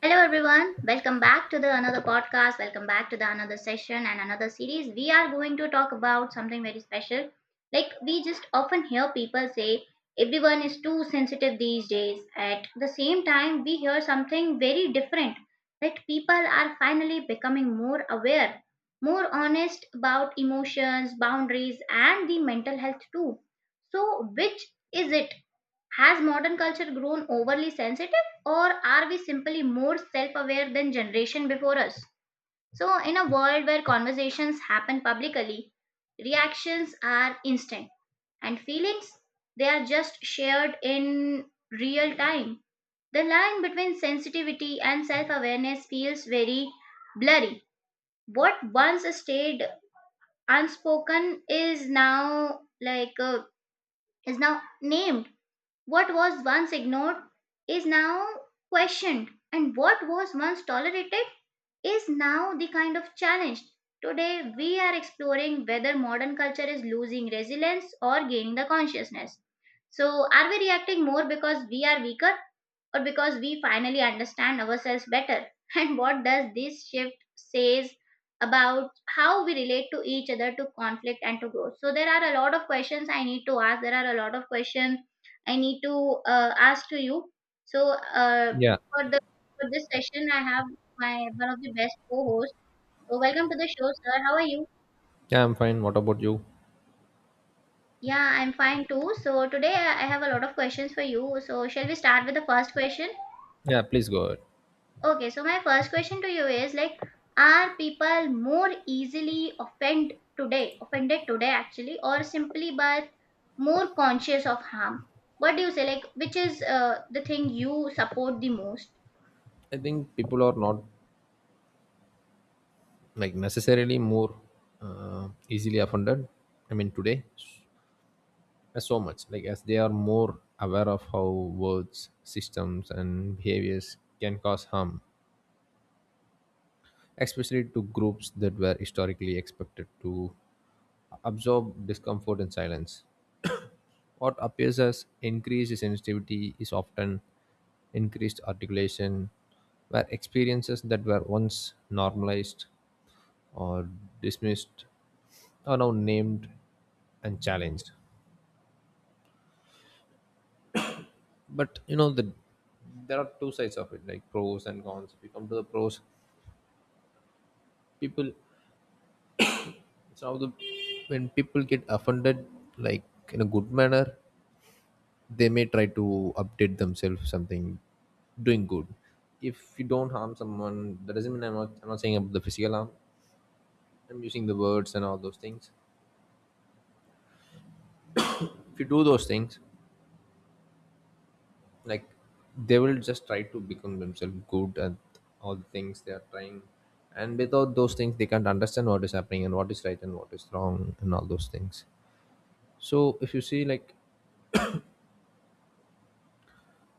Hello everyone, welcome back to the another podcast, welcome back to the another session and another series. We are going to talk about something very special. Like we just often hear people say everyone is too sensitive these days. At the same time, we hear something very different that people are finally becoming more aware, more honest about emotions, boundaries and the mental health too. So which is it? Has modern culture grown overly sensitive, or are we simply more self aware than generation before us? So, in a world where conversations happen publicly, reactions are instant, and feelings they are just shared in real time. The line between sensitivity and self awareness feels very blurry. What once stayed unspoken is now is now named what was once ignored is now questioned, and what was once tolerated is now the kind of challenge. Today, we are exploring whether modern culture is losing resilience or gaining the consciousness. So, are we reacting more because we are weaker or because we finally understand ourselves better. And what does this shift says about how we relate to each other, to conflict and to growth? So there are a lot of questions I need to ask. There are a lot of questions I need to ask to you. So Yeah, for the for this session, I have my one of the best co-hosts. So welcome to the show, sir. How are you? yeah, I'm fine. What about you? Yeah, I'm fine too. So today I have a lot of questions for you. So shall we start with the first question? Yeah, please go ahead. Okay, so my first question to you is like, are people more easily offend today, offended today actually, or simply but more conscious of harm? What do you say? Like, which is the thing you support the most? I think people are not like necessarily more easily offended. I mean, today, so much like as they are more aware of how words, systems, and behaviors can cause harm, especially to groups that were historically expected to absorb discomfort and silence. What appears as increased sensitivity is often increased articulation, where experiences that were once normalized or dismissed are now named and challenged. But you know there are two sides of it, like pros and cons. If you come to the pros, people it's now the when people get offended, like, in a good manner, they may try to update themselves something doing good. If you don't harm someone, that doesn't mean I'm not, I'm not saying about the physical harm, I'm using the words and all those things. If you do those things, like, they will just try to become themselves good at all the things they are trying, and without those things they can't understand what is happening and what is right and what is wrong and all those things. So if you see, like,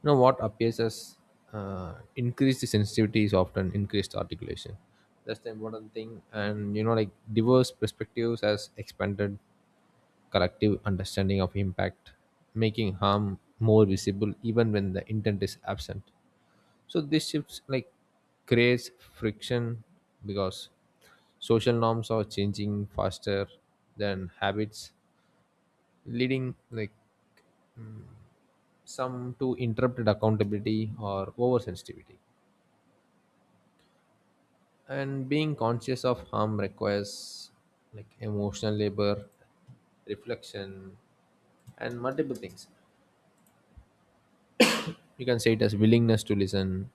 you know, what appears as increased sensitivity is often increased articulation. That's the important thing. And you know, like, diverse perspectives has expanded collective understanding of impact, making harm more visible even when the intent is absent. So this shifts like creates friction, because social norms are changing faster than habits, leading like some to interrupted accountability or oversensitivity. And being conscious of harm requires like emotional labor, reflection, and multiple things. You can say it as willingness to listen,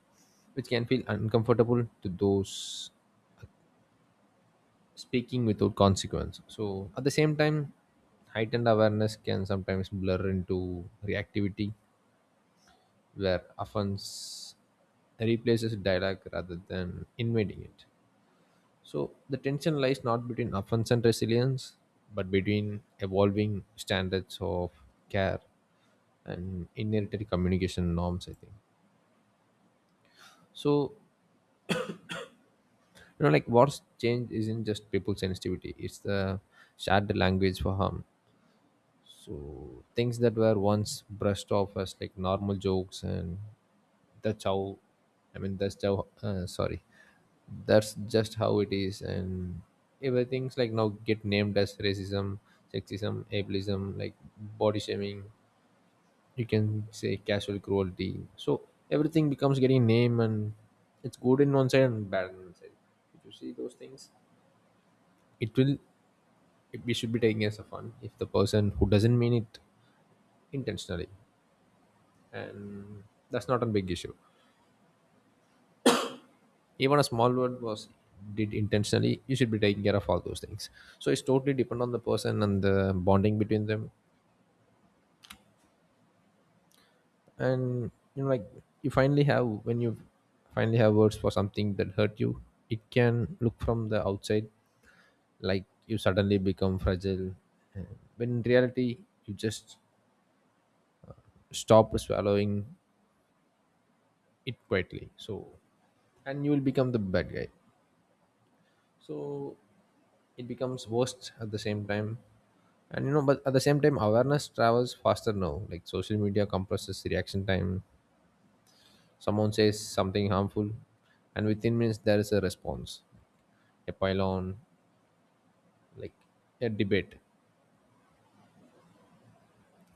which can feel uncomfortable to those speaking without consequence. So at the same time, heightened awareness can sometimes blur into reactivity, where offense replaces dialogue rather than invading it. So the tension lies not between offense and resilience, but between evolving standards of care and inheritary communication norms, I think. So, you know, like, what's changed isn't just people's sensitivity, it's the shared language for harm. So things that were once brushed off as like normal jokes, and that's how, I mean, that's just how it is, and everything's like now get named as racism, sexism, ableism, like body shaming. You can say casual cruelty. So everything becomes getting name, and it's good in one side and bad in one side. If you see those things, it will. It, we should be taking as a fun if the person who doesn't mean it intentionally, and that's not a big issue. Even a small word was did intentionally, you should be taking care of all those things. So it's totally depend on the person and the bonding between them. And you know, like, you finally have when you finally have words for something that hurt you, it can look from the outside like you suddenly become fragile. And when in reality you just stop swallowing it quietly. So, and you will become the bad guy, so it becomes worst at the same time. And you know, but at the same time awareness travels faster now, like social media compresses reaction time. Someone says something harmful and within minutes there is a response, a pylon, like a debate.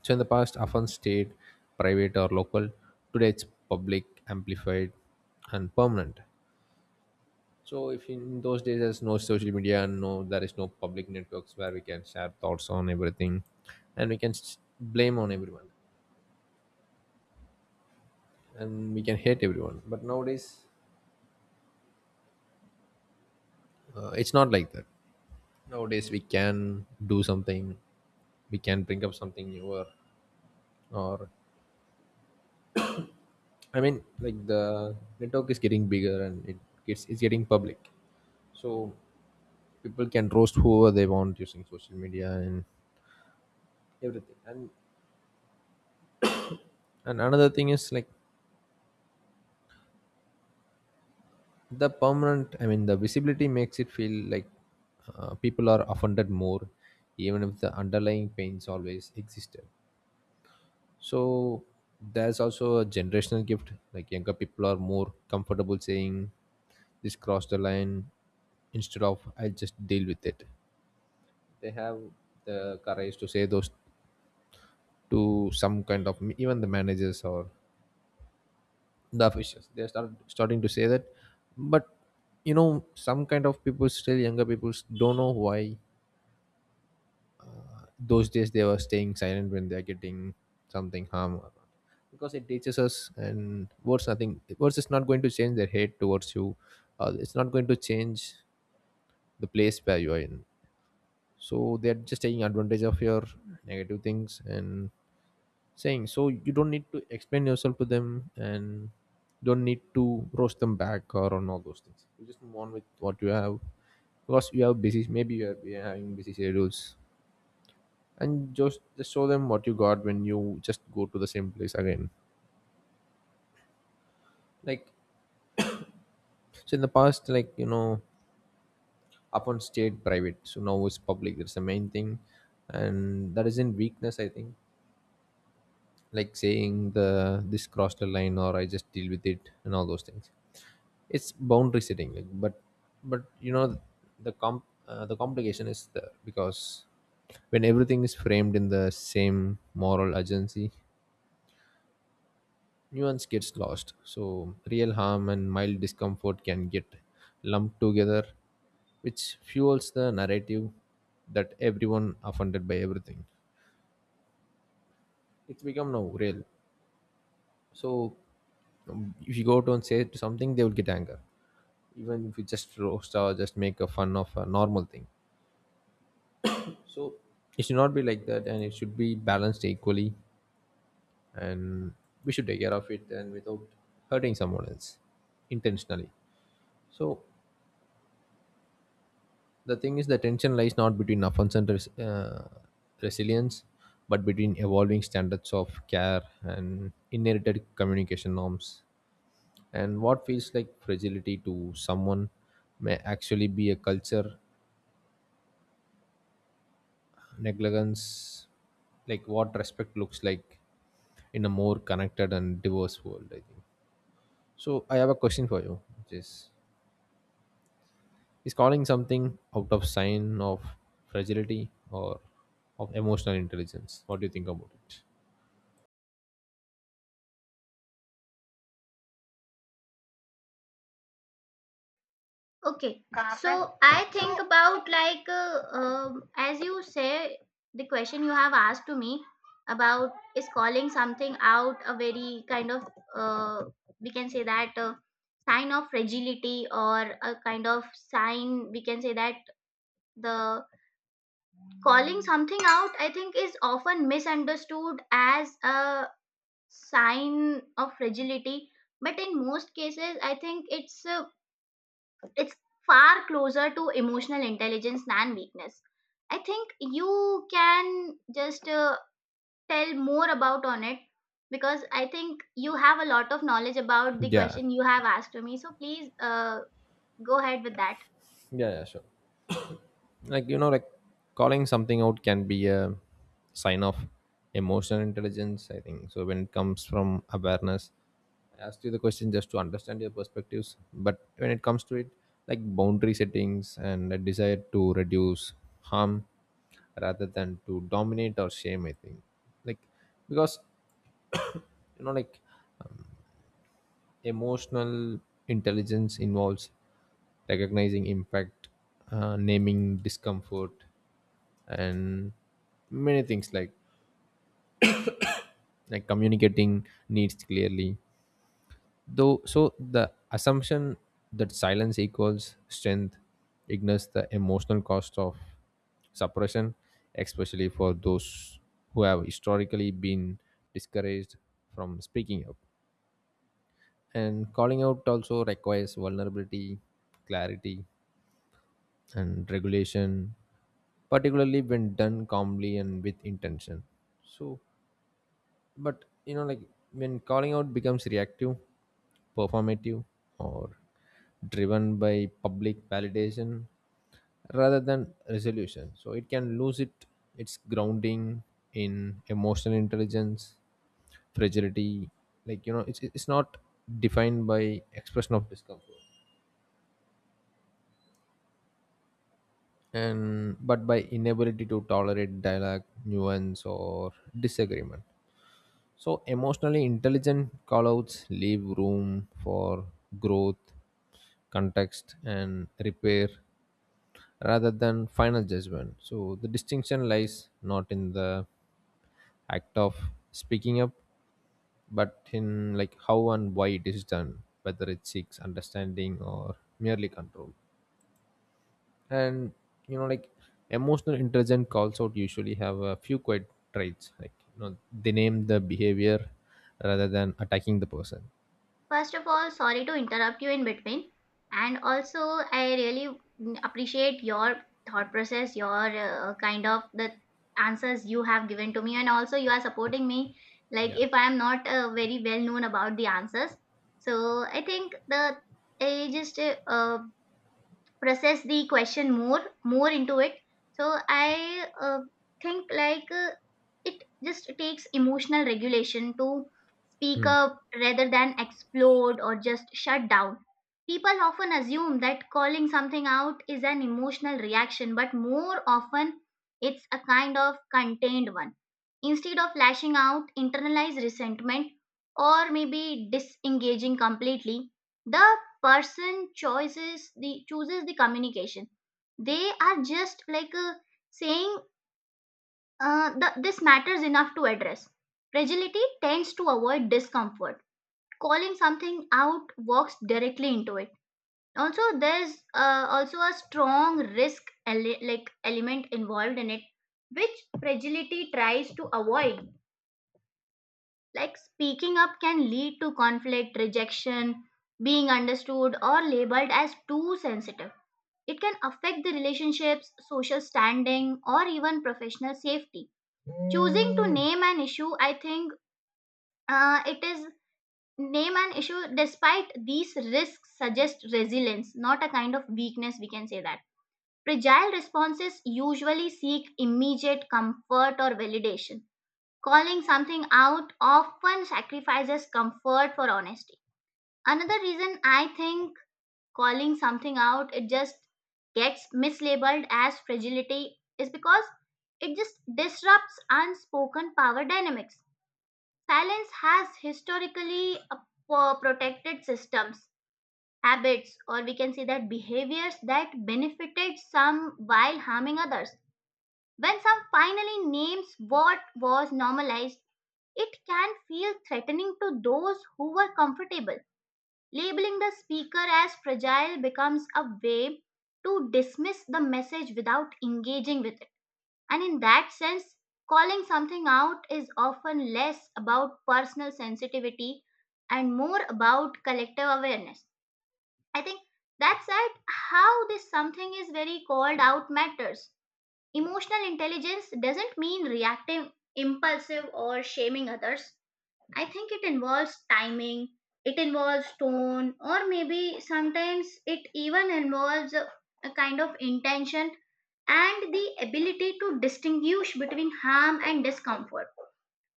So in the past often stayed private or local, today it's public, amplified, and permanent. So, if in those days there's no social media and no, there is no public networks where we can share thoughts on everything, and we can blame on everyone, and we can hate everyone. But nowadays, it's not like that. Nowadays, we can do something, we can bring up something newer, or I mean, like the network is getting bigger and it gets it's getting public. So people can roast whoever they want using social media and everything. And another thing is like the permanent, I mean, the visibility makes it feel like people are offended more, even if the underlying pains always existed. So there's also a generational gift, like younger people are more comfortable saying this crossed the line instead of I'll just deal with it. They have the courage to say those to some kind of even the managers or the officials. They're starting to say that. But you know, some kind of people, still younger people, don't know why those days they were staying silent when they're getting something harm. Because it teaches us and words nothing, words is not going to change their hate towards you. It's not going to change the place where you are in. So they're just taking advantage of your negative things and saying. So you don't need to explain yourself to them, and don't need to roast them back or on all those things. You just move on with what you have, because you have busy, maybe you are having busy schedules. And just show them what you got when you just go to the same place again, like. So in the past, like, you know, upon stayed private, so now it's public. That's the main thing. And that isn't weakness, I think. Like saying the this crossed the line or I just deal with it and all those things, it's boundary setting, like. But you know, the complication is the because when everything is framed in the same moral urgency, nuance gets lost. So real harm and mild discomfort can get lumped together, which fuels the narrative that everyone offended by everything. It's become now real. So if you go out and say something, they will get anger, even if you just roast or just make a fun of a normal thing. So it should not be like that, and it should be balanced equally, and we should take care of it and without hurting someone else intentionally. So the thing is, the tension lies not between offense and resilience, but between evolving standards of care and inherited communication norms. And what feels like fragility to someone may actually be a culture negligence, like what respect looks like in a more connected and diverse world, I think. So I have a question for you, which is calling something out of sign of fragility or of emotional intelligence? What do you think about it? Okay, but so I think so about as you say, the question you have asked to me about is calling something out a very kind of uh, we can say that sign of fragility or a kind of sign we can say that the calling something out I think is often misunderstood as a sign of fragility, but in most cases I think it's far closer to emotional intelligence than weakness. I think you can just tell more about on it, because I think you have a lot of knowledge about the yeah question you have asked to me. So please, go ahead with that. yeah yeah, sure. Like, you know, like, calling something out can be a sign of emotional intelligence, I think, so when it comes from awareness. I asked you the question just to understand your perspectives, but when it comes to it, like boundary settings and a desire to reduce harm rather than to dominate or shame, I think. Like, because you know, like, emotional intelligence involves recognizing impact, naming discomfort, and many things like communicating needs clearly. Though so the assumption that silence equals strength ignores the emotional cost of suppression, especially for those who have historically been discouraged from speaking up. And calling out also requires vulnerability, clarity, and regulation, particularly when done calmly and with intention. So, but you know, like, when calling out becomes reactive, performative, or driven by public validation rather than resolution, so it can lose it its grounding in emotional intelligence. Fragility, like, you know, it's not defined by expression of discomfort and but by inability to tolerate dialogue, nuance, or disagreement. So emotionally intelligent callouts leave room for growth, context, and repair rather than final judgment. So, the distinction lies not in the act of speaking up, but in, like, how and why it is done, whether it seeks understanding or merely control. And you know, like, emotional intelligent calls out usually have a few quiet traits, like, you know, they name the behavior rather than attacking the person. First of all, sorry to interrupt you in between. And also, I really appreciate your thought process, your kind of the answers you have given to me. And also, you are supporting me. Like, Yeah. if I am not very well known about the answers. So, I think the I just uh, process the question more into it, so I uh, think it just takes emotional regulation to speak Hmm. up rather than explode or just shut down. People often assume that calling something out is an emotional reaction, but more often it's a kind of contained one. Instead of lashing out, internalize resentment, or maybe disengaging completely, the person chooses the communication. They are just saying, this matters enough to address. Fragility tends to avoid discomfort, calling something out walks directly into it. Also there's also a strong like element involved in it, which fragility tries to avoid. Like speaking up can lead to conflict, rejection, being understood or labeled as too sensitive. It can affect the relationships, social standing, or even professional safety. Choosing to name an issue, I think it is name an issue despite these risks suggests resilience, not a kind of weakness, we can say that. Fragile responses usually seek immediate comfort or validation. Calling something out often sacrifices comfort for honesty. Another reason I think calling something out, it just gets mislabeled as fragility is because it just disrupts unspoken power dynamics. Silence has historically protected systems, habits, or we can say that behaviors that benefited some while harming others. When some finally names what was normalized, it can feel threatening to those who were comfortable. Labeling the speaker as fragile becomes a way to dismiss the message without engaging with it. And in that sense, calling something out is often less about personal sensitivity and more about collective awareness. I think that's at how this something is very called out matters. Emotional intelligence doesn't mean reacting impulsive or shaming others. I think it involves timing, it involves tone, or maybe sometimes it even involves a kind of intention and the ability to distinguish between harm and discomfort.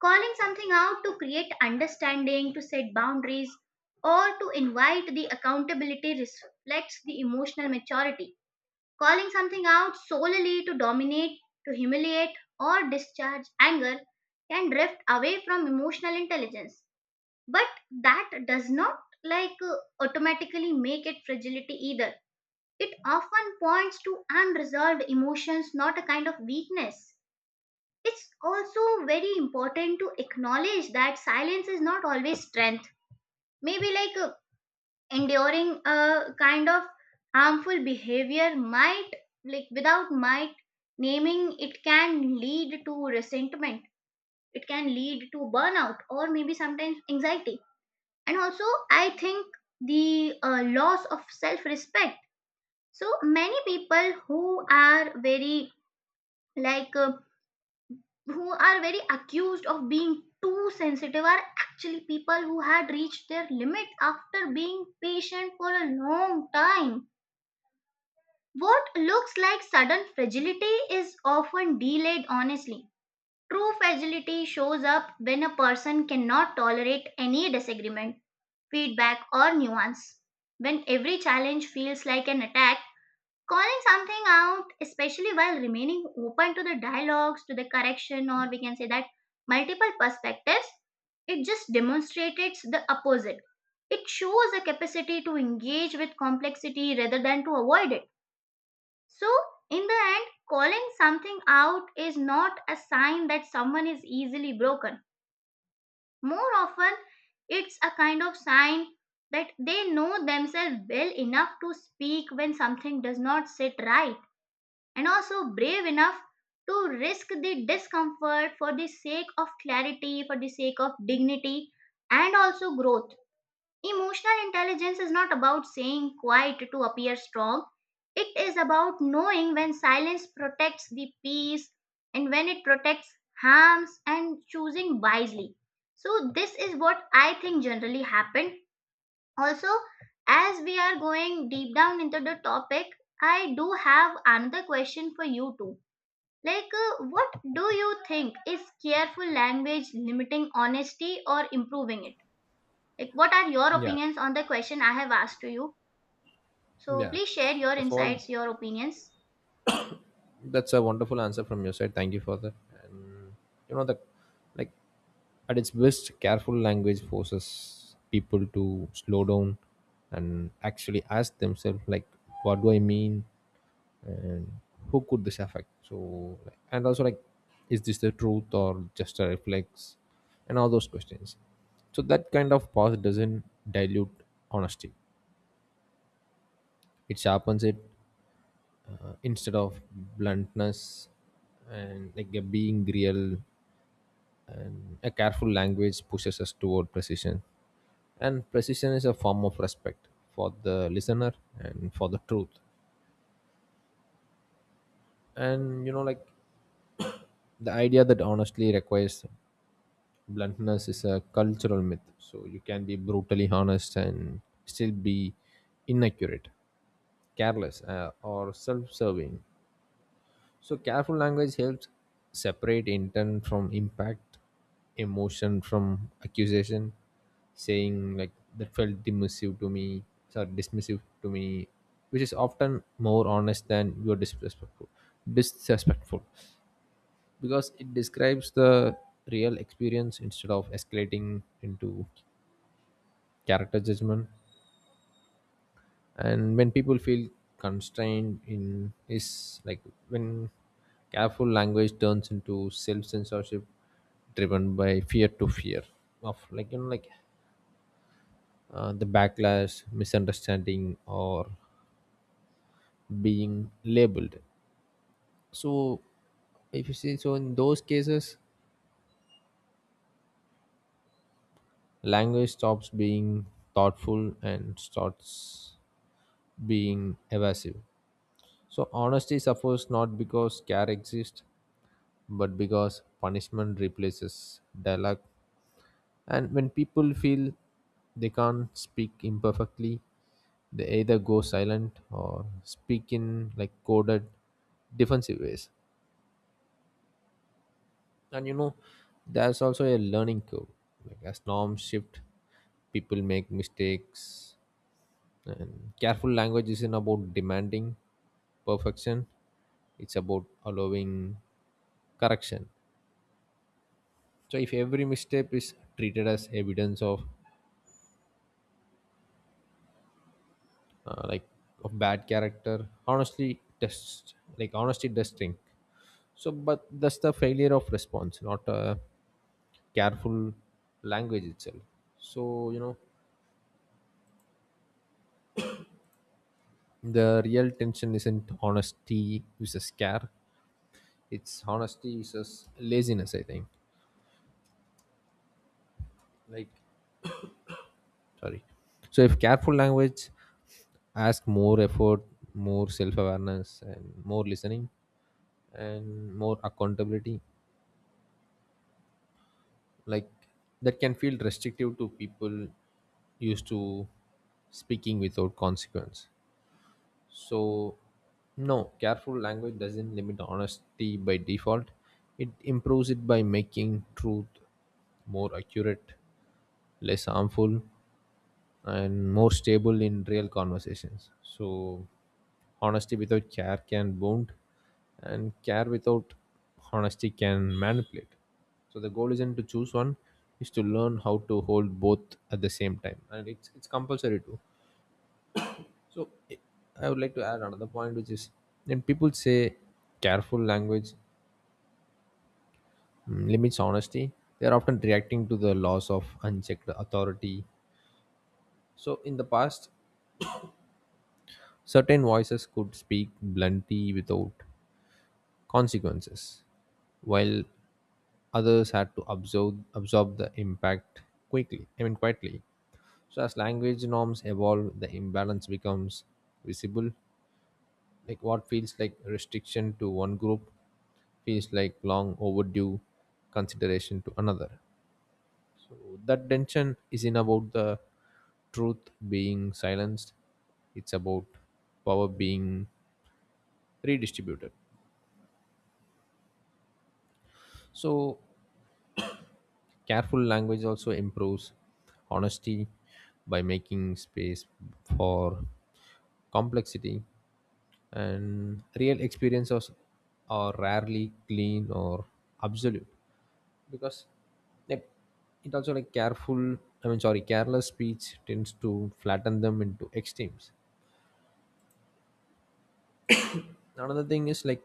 Calling something out to create understanding, to set boundaries, or to invite the accountability reflects the emotional maturity. Calling something out solely to dominate, to humiliate, or discharge anger can drift away from emotional intelligence, but that does not like uh, automatically make it fragility either. It often points to unresolved emotions, not a kind of weakness. It's also very important to acknowledge that silence is not always strength. Maybe enduring a kind of harmful behavior might like without might, naming it can lead to resentment, it can lead to burnout, or maybe sometimes anxiety, and also I think the loss of self respect. So many people who are very like uh, who are very accused of being too sensitive are actually people who had reached their limit after being patient for a long time. What looks like sudden fragility is often delayed honestly. True fragility shows up when a person cannot tolerate any disagreement, feedback, or nuance. When every challenge feels like an attack, calling something out, especially while remaining open to the dialogues, to the correction, or we can say that multiple perspectives, it just demonstrates the opposite. It shows a capacity to engage with complexity rather than to avoid it. So, in the end, calling something out is not a sign that someone is easily broken. More often, it's a kind of sign that they know themselves well enough to speak when something does not sit right, and also brave enough to risk the discomfort for the sake of clarity, for the sake of dignity, and also growth. Emotional intelligence is not about saying quiet to appear strong. It is about knowing when silence protects the peace and when it protects harms, and choosing wisely. So, this is what I think generally happened. Also, as we are going deep down into the topic, I do have another question for you too. Like, what do you think is careful language limiting honesty or improving it? Like, what are your Yeah, opinions on the question I have asked to you? So, yeah, please share your so all, insights, your opinions. that's a wonderful answer from your side, thank you for that. You know, the, like, at its best, careful language forces people to slow down and actually ask themselves, like, what do I mean? And who could this affect? So, like, and also, like, is this the truth or just a reflex? And all those questions. So, that kind of pause doesn't dilute honesty, it sharpens it. Instead of bluntness and like a being real, and a careful language pushes us toward precision, and precision is a form of respect for the listener and for the truth. And you know, like, the idea that honestly requires bluntness is a cultural myth. So you can be brutally honest and still be inaccurate, careless, or self-serving. So careful language helps separate intent from impact, emotion from accusation. Saying like that felt dismissive to me, sorry, dismissive to me, which is often more honest than you're disrespectful. Disrespectful, because it describes the real experience instead of escalating into character judgment. And when people feel constrained in is like when careful language turns into self censorship, driven by fear, to fear of, like, you know, like, the backlash, misunderstanding, or being labeled. So if you see, so in those cases language stops being thoughtful and starts being evasive. So honesty suffers not because care exists, but because punishment replaces dialogue. And when people feel they can't speak imperfectly, they either go silent or speak in like coded, defensive ways. And you know, there's also a learning curve. Like, as norms shift, people make mistakes. And careful language isn't about demanding perfection, it's about allowing correction. So if every misstep is treated as evidence of uh, like of bad character, honestly test, like, honesty does stink. So but that's the failure of response, not a careful language itself. So, you know, the real tension isn't honesty versus scare, it's honesty versus laziness, I think. Like, sorry. So if careful language ask more effort, more self-awareness, and more listening, and more accountability, like, that can feel restrictive to people used to speaking without consequence. So, no, careful language doesn't limit honesty by default. It improves it by making truth more accurate, less harmful, and more stable in real conversations. So, honesty without care can wound, and care without honesty can manipulate. So, the goal isn't to choose one; is to learn how to hold both at the same time, and it's compulsory too. So I would like to add another point, which is when people say careful language limits honesty, they are often reacting to the loss of unchecked authority. So in the past, certain voices could speak bluntly without consequences, while others had to absorb the impact quickly. I mean quietly. So as language norms evolve, the imbalance becomes visible. Like what feels like restriction to one group feels like long overdue consideration to another. So that tension isn't about the truth being silenced, it's about power being redistributed. So careful language also improves honesty by making space for complexity, and real experiences are rarely clean or absolute, because like it also like careful I mean sorry careless speech tends to flatten them into extremes. Another thing is like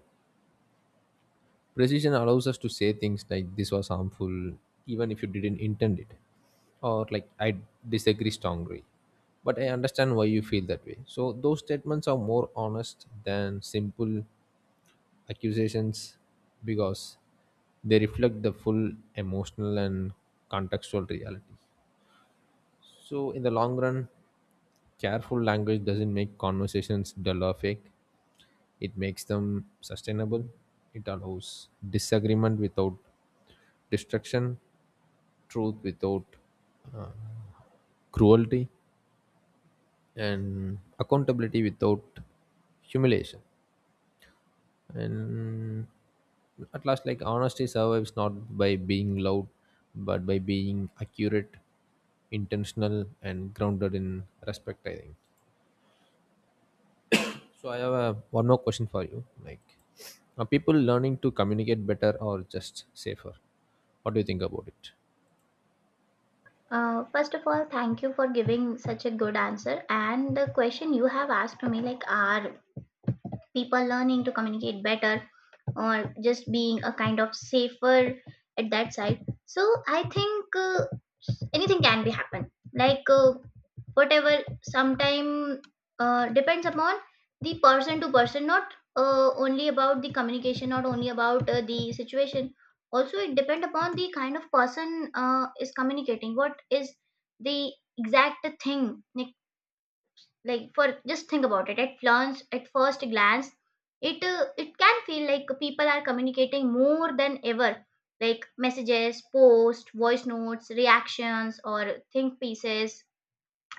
precision allows us to say things like this was harmful even if you didn't intend it, or like I disagree strongly but I understand why you feel that way. So those statements are more honest than simple accusations, because they reflect the full emotional and contextual reality. So, in the long run, careful language doesn't make conversations dull or fake. It makes them sustainable. It allows disagreement without destruction, truth without cruelty, and accountability without humiliation. And at last, like, honesty survives not by being loud, but by being accurate, intentional, and grounded in respect, I think. So I have a, one more question for you. Like, are people learning to communicate better or just safer? What do you think about it? First of all, thank you for giving such a good answer. And the question you have asked to me, like, are people learning to communicate better or just being a kind of safer at that side, so I think anything can be happen, like uh, whatever sometime depends upon the person to person, not only about the communication, not only about the situation. Also it depend upon the kind of person is communicating what is the exact thing. Like like for, just think about it at first glance, it can feel like people are communicating more than ever, like messages, posts, voice notes, reactions, or think pieces,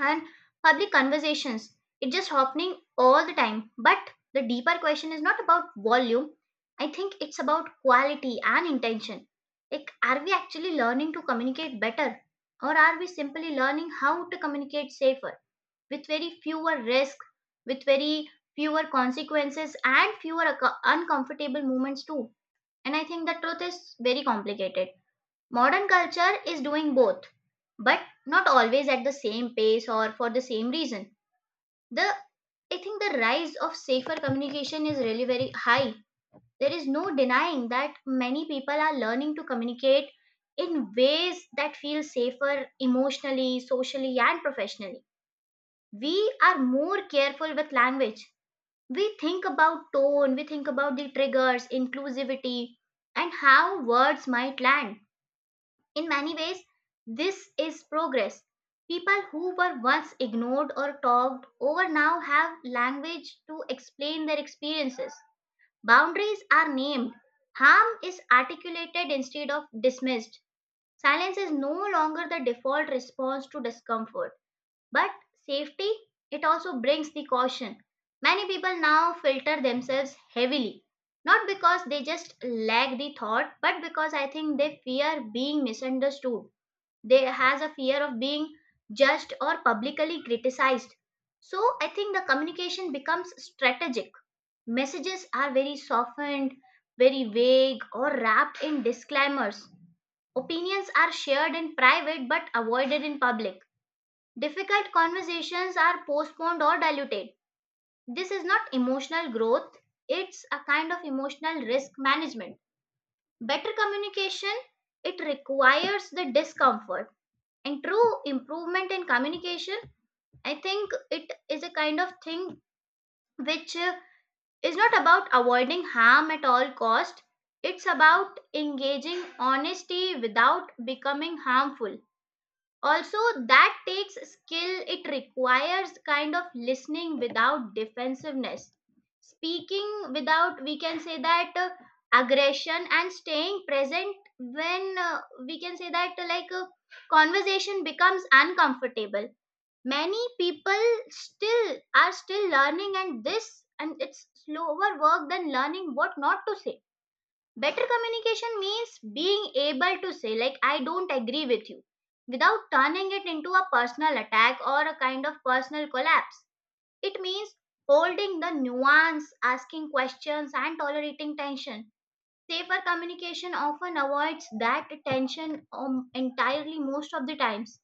and public conversations. It's just happening all the time, but the deeper question is not about volume. I think it's about quality and intention. Like, are we actually learning to communicate better, or are we simply learning how to communicate safer, with very fewer risks, with very fewer consequences, and uncomfortable moments too. And I think the truth is very complicated. Modern culture is doing both, but not always at the same pace or for the same reason. The I think the rise of safer communication is really very high. There is no denying that many people are learning to communicate in ways that feel safer emotionally, socially, and professionally. We are more careful with language. We think about tone, we think about the triggers, inclusivity, and how words might land. In many ways, this is progress. People who were once ignored or talked over now have language to explain their experiences. Boundaries are named. Harm is articulated instead of dismissed. Silence is no longer the default response to discomfort. But safety, it also brings the caution. Many people now filter themselves heavily, not because they just lack the thought, but because I think they fear being misunderstood. They has a fear of being judged or publicly criticized. So I think the communication becomes strategic. Messages are very softened, very vague, or wrapped in disclaimers. Opinions are shared in private but avoided in public. Difficult conversations are postponed or diluted. This is not emotional growth, it's a kind of emotional risk management. Better communication, it requires the discomfort. And true improvement in communication, I think it is a kind of thing which is not about avoiding harm at all cost. It's about engaging honesty without becoming harmful. Also that takes skill. It requires kind of listening without defensiveness, speaking without, we can say that, aggression, and staying present when, we can say that like conversation becomes uncomfortable. Many people still learning, and this and it's slower work than learning what not to say. Better communication means being able to say, like, I don't agree with you, without turning it into a personal attack or a kind of personal collapse. It means holding the nuance, asking questions, and tolerating tension. Safer communication often avoids that tension entirely most of the times.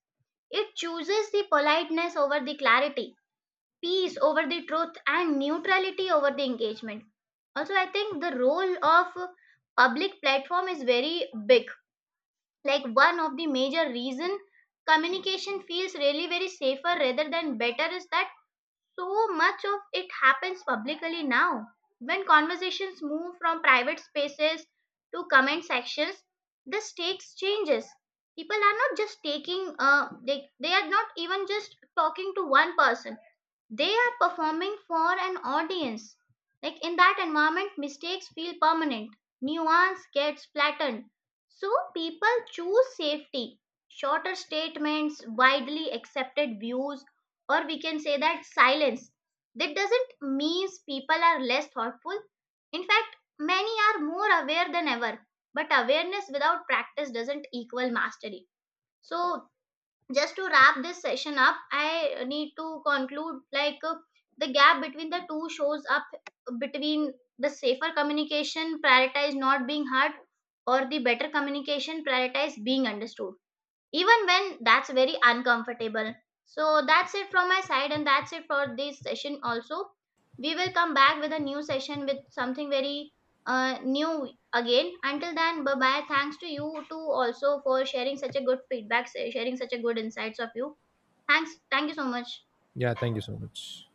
It chooses the politeness over the clarity, peace over the truth, and neutrality over the engagement. Also I think the role of public platform is very big. Like, one of the major reason communication feels really very safer rather than better is that so much of it happens publicly now. When conversations move from private spaces to comment sections, the stakes changes. People are not just they are not even just talking to one person, they are performing for an audience. Like in that environment, mistakes feel permanent, nuance gets flattened. So people choose safety, shorter statements, widely accepted views, or we can say that silence. That doesn't mean people are less thoughtful. In fact, many are more aware than ever. But awareness without practice doesn't equal mastery. So, just to wrap this session up, I need to conclude, the gap between the two shows up between the safer communication prioritize not being heard or the better communication prioritize being understood, even when that's very uncomfortable. So that's it from my side, and that's it for this session also. We will come back with a new session with something very new again. Until then, bye bye. Thanks to you too also for sharing such a good feedback, sharing such a good insights of you. Thanks, thank you so much. Yeah, thank you so much.